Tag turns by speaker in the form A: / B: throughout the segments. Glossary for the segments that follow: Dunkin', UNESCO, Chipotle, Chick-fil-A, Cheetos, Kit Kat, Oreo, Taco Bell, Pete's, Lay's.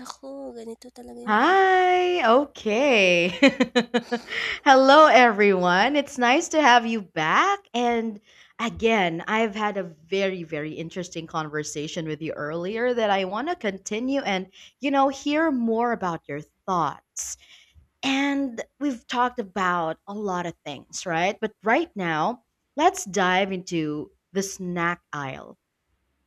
A: Naku, ganito talaga yung a.
B: Hi. Okay. Hello, everyone. It's nice to have you back. And again, I've had a very, very interesting conversation with you earlier that I want to continue and, hear more about your thoughts. And we've talked about a lot of things, right? But right now, let's dive into the snack aisle.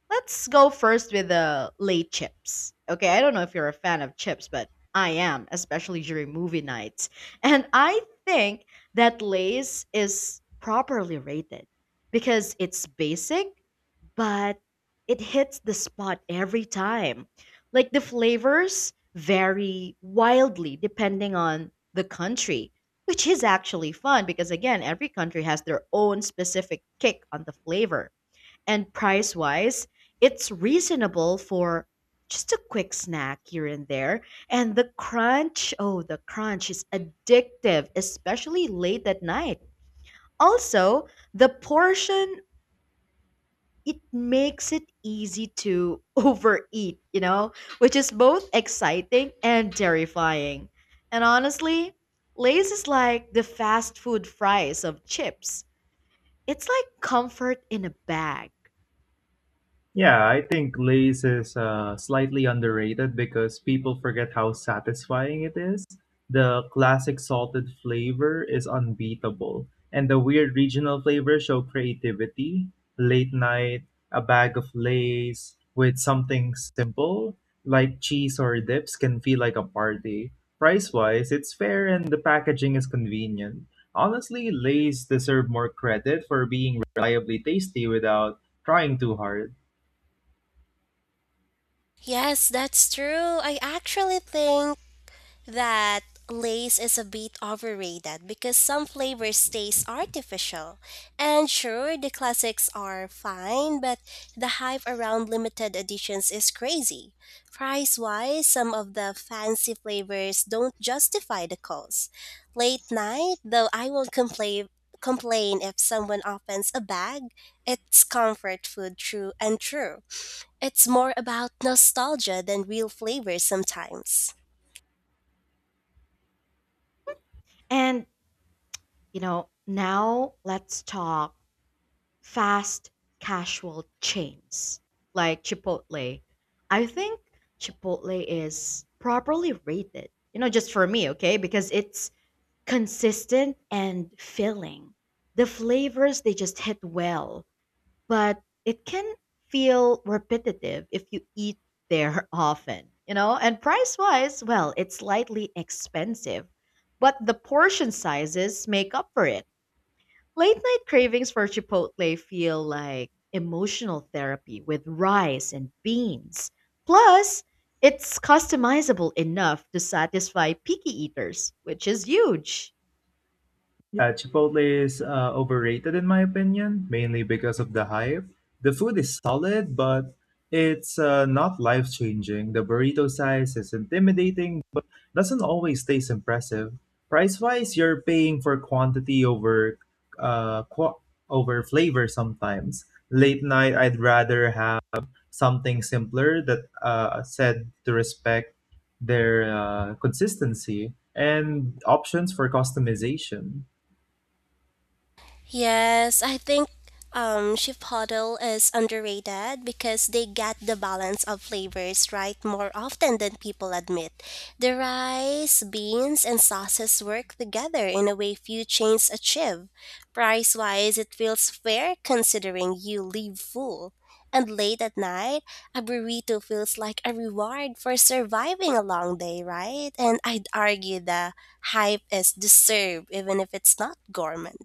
B: Let's go first with the late chips. Okay, I don't know if you're a fan of chips, but I am, especially during movie nights. And I think that Lay's is properly rated because it's basic, but it hits the spot every time. Like the flavors vary wildly depending on the country, which is actually fun because, again, every country has their own specific kick on the flavor. And price wise, it's reasonable for just a quick snack here and there. And the crunch, oh, the crunch is addictive, especially late at night. Also, the portion, it makes it easy to overeat, which is both exciting and terrifying. And honestly, Lay's is like the fast food fries of chips. It's like comfort in a bag.
C: Yeah, I think Lay's is slightly underrated because people forget how satisfying it is. The classic salted flavor is unbeatable, and the weird regional flavors show creativity. Late night, a bag of Lay's with something simple like cheese or dips can feel like a party. Price wise, it's fair and the packaging is convenient. Honestly, Lay's deserve more credit for being reliably tasty without trying too hard.
A: Yes, that's true. I actually think that lace is a bit overrated because some flavor stays artificial. And sure, the classics are fine, but the hype around limited editions is crazy. Price wise, some of the fancy flavors don't justify the cost. Late night, though, I won't complain if someone opens a bag. It's comfort food true and true. It's more about nostalgia than real flavor sometimes.
B: And now let's talk fast casual chains like Chipotle. I think Chipotle is properly rated, you know, just for me, okay? Because it's consistent and filling. The flavors, they just hit well, but it can feel repetitive if you eat there often, you know? And price wise, well, it's slightly expensive, but the portion sizes make up for it. Late night cravings for Chipotle feel like emotional therapy with rice and beans. Plus, it's customizable enough to satisfy picky eaters, which is huge.
C: Yeah, Chipotle is overrated in my opinion, mainly because of the hype. The food is solid, but it's not life changing. The burrito size is intimidating, but doesn't always taste impressive. Price wise, you're paying for quantity over qua over flavor sometimes. Late night, I'd rather have something simpler that said to respect their consistency and options for customization.
A: Yes, I think chip Huddle is underrated because they get the balance of flavors right more often than people admit. The rice, beans, and sauces work together in a way few chains achieve. Price wise, it feels fair considering you leave full. And late at night, a burrito feels like a reward for surviving a long day, right? And I'd argue the hype is deserved even if it's not gourmet.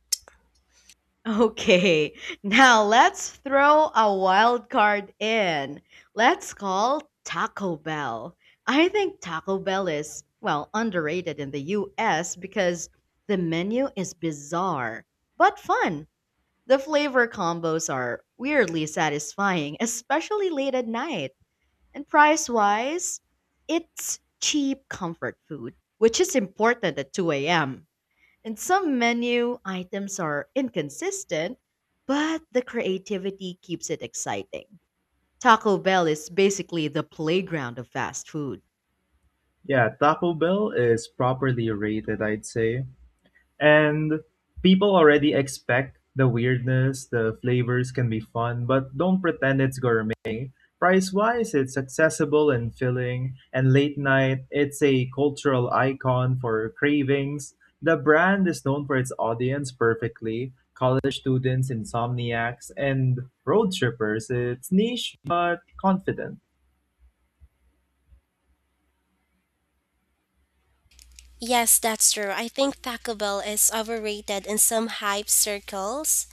B: Okay, now let's throw a wild card in. Let's call Taco Bell. I think Taco Bell is, well, underrated in the US because the menu is bizarre but fun. The flavor combos are weirdly satisfying, especially late at night. And price wise, it's cheap comfort food, which is important at 2 a.m. And some menu items are inconsistent, but the creativity keeps it exciting. Taco Bell is basically the playground of fast food.
C: Yeah, Taco Bell is properly rated, I'd say. And people already expect the weirdness, the flavors can be fun, but don't pretend it's gourmet. Price wise, it's accessible and filling. And late night, it's a cultural icon for cravings. The brand is known for its audience perfectly college students, insomniacs, and road trippers. It's niche but confident.
A: Yes, that's true. I think Taco Bell is overrated in some hype circles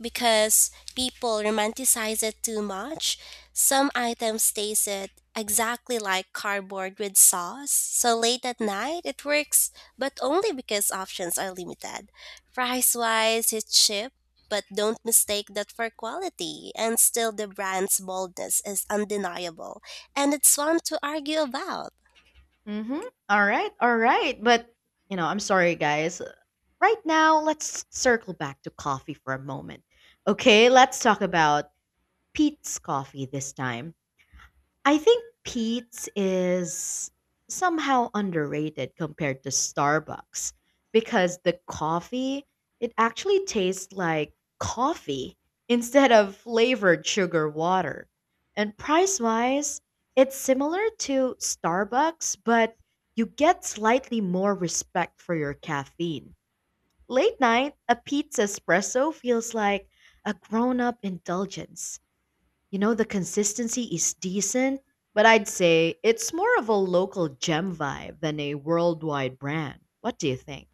A: because people romanticize it too much. Some items taste it exactly like cardboard with sauce. So late at night, it works, but only because options are limited. Price wise, it's cheap, but don't mistake that for quality. And still, the brand's boldness is undeniable, and it's fun to argue about.
B: Mm-hmm. All right, all right. But, you know, I'm sorry, guys. Right now, let's circle back to coffee for a moment. Okay, let's talk about Pete's coffee this time. I think Pete's is somehow underrated compared to Starbucks because the coffee, it actually tastes like coffee instead of flavored sugar water. And price wise, it's similar to Starbucks, but you get slightly more respect for your caffeine. Late night, a pizza espresso feels like a grown up indulgence. You know, the consistency is decent, but I'd say it's more of a local gem vibe than a worldwide brand. What do you think?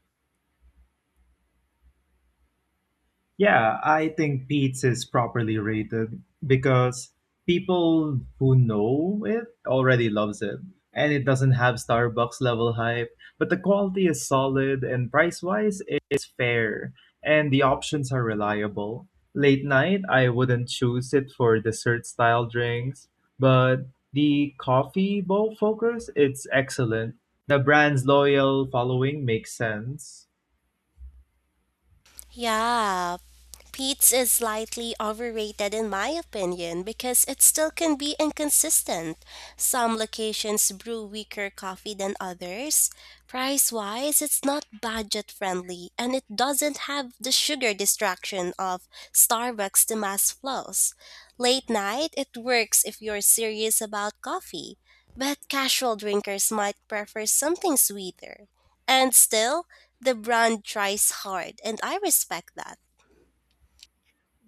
C: Yeah, I think Pete's is properly rated because people who know it already loves it. And it doesn't have Starbucks level hype, but the quality is solid and price wise it's fair and the options are reliable. Late night, I wouldn't choose it for dessert style drinks, but the coffee bowl focus, it's excellent. The brand's loyal following makes sense.
A: Yeah, Pete's is slightly overrated in my opinion because it still can be inconsistent. Some locations brew weaker coffee than others. Price wise, it's not budget friendly and it doesn't have the sugar distraction of Starbucks to mass flows. Late night, it works if you're serious about coffee, but casual drinkers might prefer something sweeter. And still, the brand tries hard, and I respect that.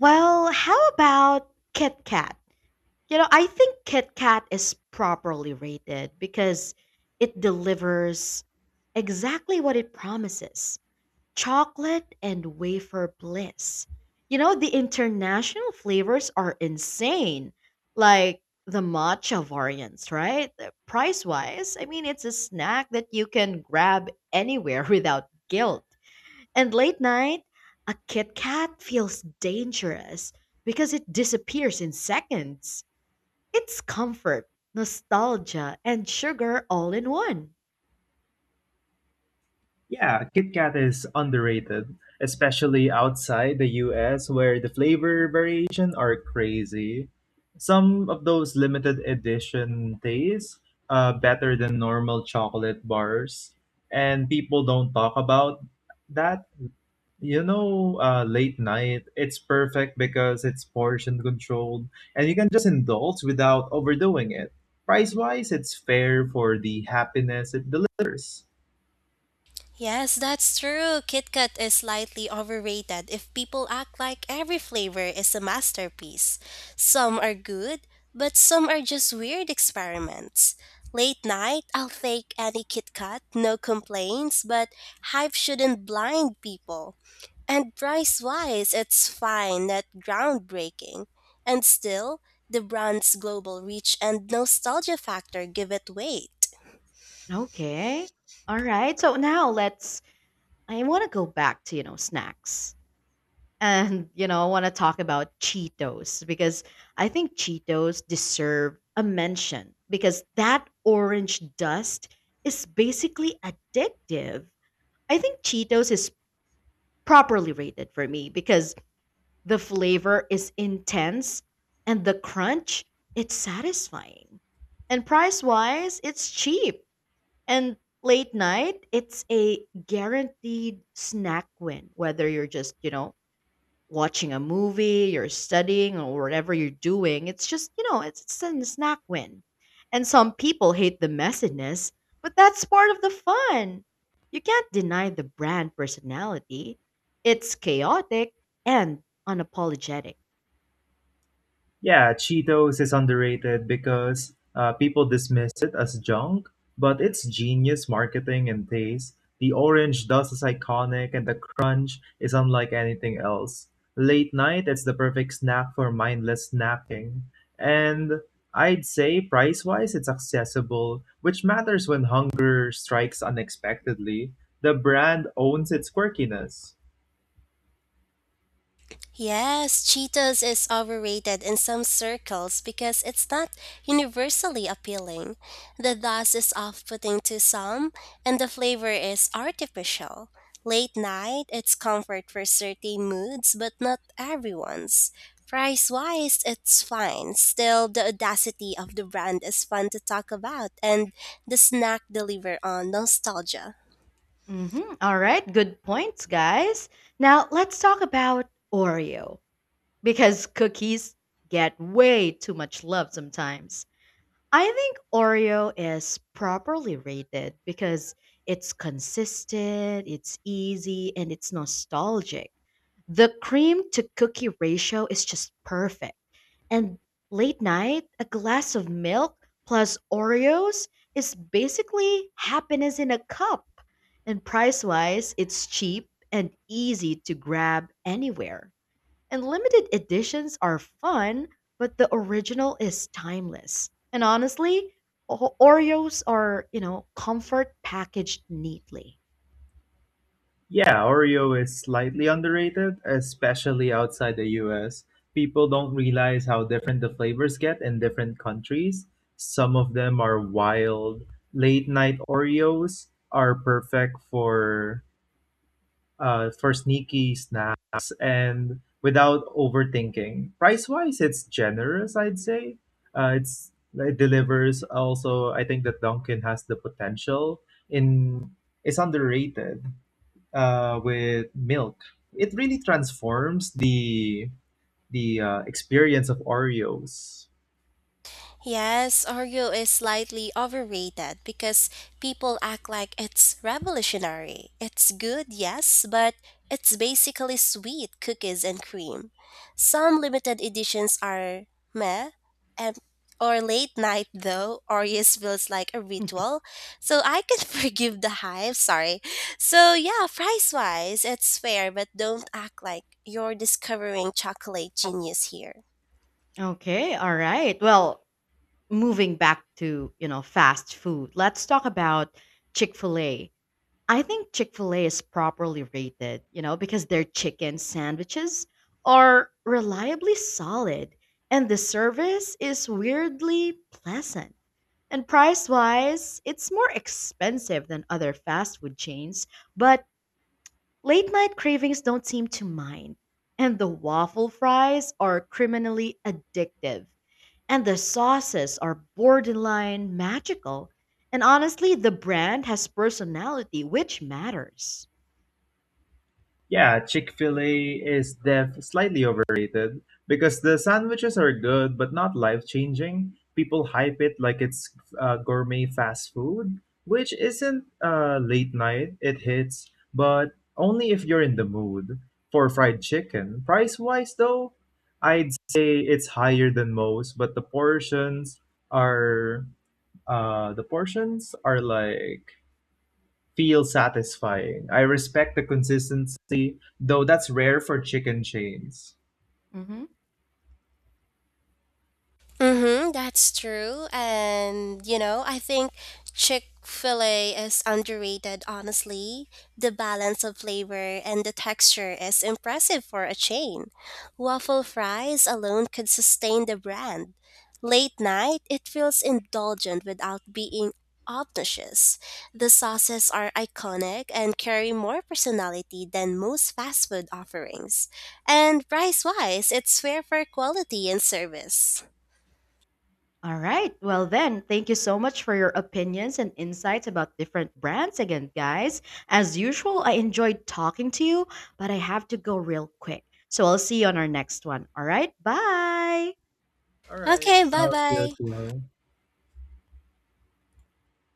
B: Well, how about Kit Kat? You know, I think Kit Kat is properly rated because it delivers exactly what it promises. Chocolate and wafer bliss. You know, the international flavors are insane, like the matcha variants, right? Price wise, I mean, it's a snack that you can grab anywhere without guilt. And late night, a Kit Kat feels dangerous because it disappears in seconds. It's comfort, nostalgia, and sugar all in one.
C: Yeah, Kit Kat is underrated, especially outside the US, where the flavor variation are crazy. Some of those limited edition tastes better than normal chocolate bars, and people don't talk about that. You know, late night, it's perfect because it's portion controlled and you can just indulge without overdoing it. Price wise, it's fair for the happiness it delivers.
A: Yes, that's true. KitKat is slightly overrated if people act like every flavor is a masterpiece. Some are good, but some are just weird experiments. Late night, I'll take any KitKat, no complaints, but hype shouldn't blind people. And price wise, it's fine, not groundbreaking. And still, the brand's global reach and nostalgia factor give it weight.
B: Okay. All right. So now let's I want to go back to, you know, snacks. And, you know, I want to talk about Cheetos because I think Cheetos deserve a mention because that orange dust is basically addictive. I think Cheetos is properly rated for me because the flavor is intense and the crunch, it's satisfying. And price wise, it's cheap. And late night, it's a guaranteed snack win, whether you're just, you know, watching a movie, you're studying, or whatever you're doing. It's just, you know, it's a snack win. And some people hate the messiness, but that's part of the fun. You can't deny the brand personality. It's chaotic and unapologetic.
C: Yeah, Cheetos is underrated because people dismiss it as junk, but it's genius marketing and taste. The orange dust is iconic, and the crunch is unlike anything else. Late night, it's the perfect snack for mindless snacking. And I'd say price wise, it's accessible, which matters when hunger strikes unexpectedly. The brand owns its quirkiness.
A: Yes, Cheetos is overrated in some circles because it's not universally appealing. The dust is off putting to some, and the flavor is artificial. Late night, it's comfort for certain moods, but not everyone's. Price wise, it's fine. Still, the audacity of the brand is fun to talk about, and the snack deliver on nostalgia.
B: Mhm. All right, good points, guys. Now let's talk about Oreo because cookies get way too much love sometimes. I think Oreo is properly rated because it's consistent, it's easy, and it's nostalgic. The cream to cookie ratio is just perfect. And late night, a glass of milk plus Oreos is basically happiness in a cup. And price wise, it's cheap and easy to grab anywhere. And limited editions are fun, but the original is timeless. And honestly, Oreos are, you know, comfort packaged neatly.
C: Yeah, Oreo is slightly underrated, especially outside the US. People don't realize how different the flavors get in different countries. Some of them are wild. Late night Oreos are perfect for for sneaky snacks and without overthinking. Price wise, it's generous, I'd say. It's it delivers. Also, I think that Dunkin' has the potential in. It's underrated with milk. It really transforms the experience of Oreos.
A: Yes, Oreo is slightly overrated because people act like it's revolutionary. It's good, yes, but it's basically sweet cookies and cream. Some limited editions are meh, and or late night though, Oreos feels like a ritual. So I can forgive the hype, sorry. So yeah, price wise, it's fair, but don't act like you're discovering chocolate genius here.
B: Okay, all right. Well, moving back to, you know, fast food, let's talk about Chick-fil-A. I think Chick-fil-A is properly rated, you know, because their chicken sandwiches are reliably solid and the service is weirdly pleasant. And price wise, it's more expensive than other fast food chains, but late night cravings don't seem to mind. And the waffle fries are criminally addictive, and the sauces are borderline magical. And honestly, the brand has personality, which matters.
C: Yeah, Chick-fil-A is def slightly overrated because the sandwiches are good but not life-changing. People hype it like it's gourmet fast food, which isn't late night. It hits, but only if you're in the mood for fried chicken. Price-wise, though, I'd say it's higher than most, but the portions are uh, the portions are like feel satisfying. I respect the consistency, though that's rare for chicken chains.
B: Mhm.
A: Mm-hmm, that's true. And, you know, I think Chick fil A is underrated, honestly. The balance of flavor and the texture is impressive for a chain. Waffle fries alone could sustain the brand. Late night, it feels indulgent without being obnoxious. The sauces are iconic and carry more personality than most fast food offerings. And price wise, it's fair for quality and service.
B: All right. Well, then, thank you so much for your opinions and insights about different brands again, guys. As usual, I enjoyed talking to you, but I have to go real quick. So I'll see you on our next one. All right. Bye.
C: All right.
A: Okay, bye
C: How's your
A: bye.
C: girl?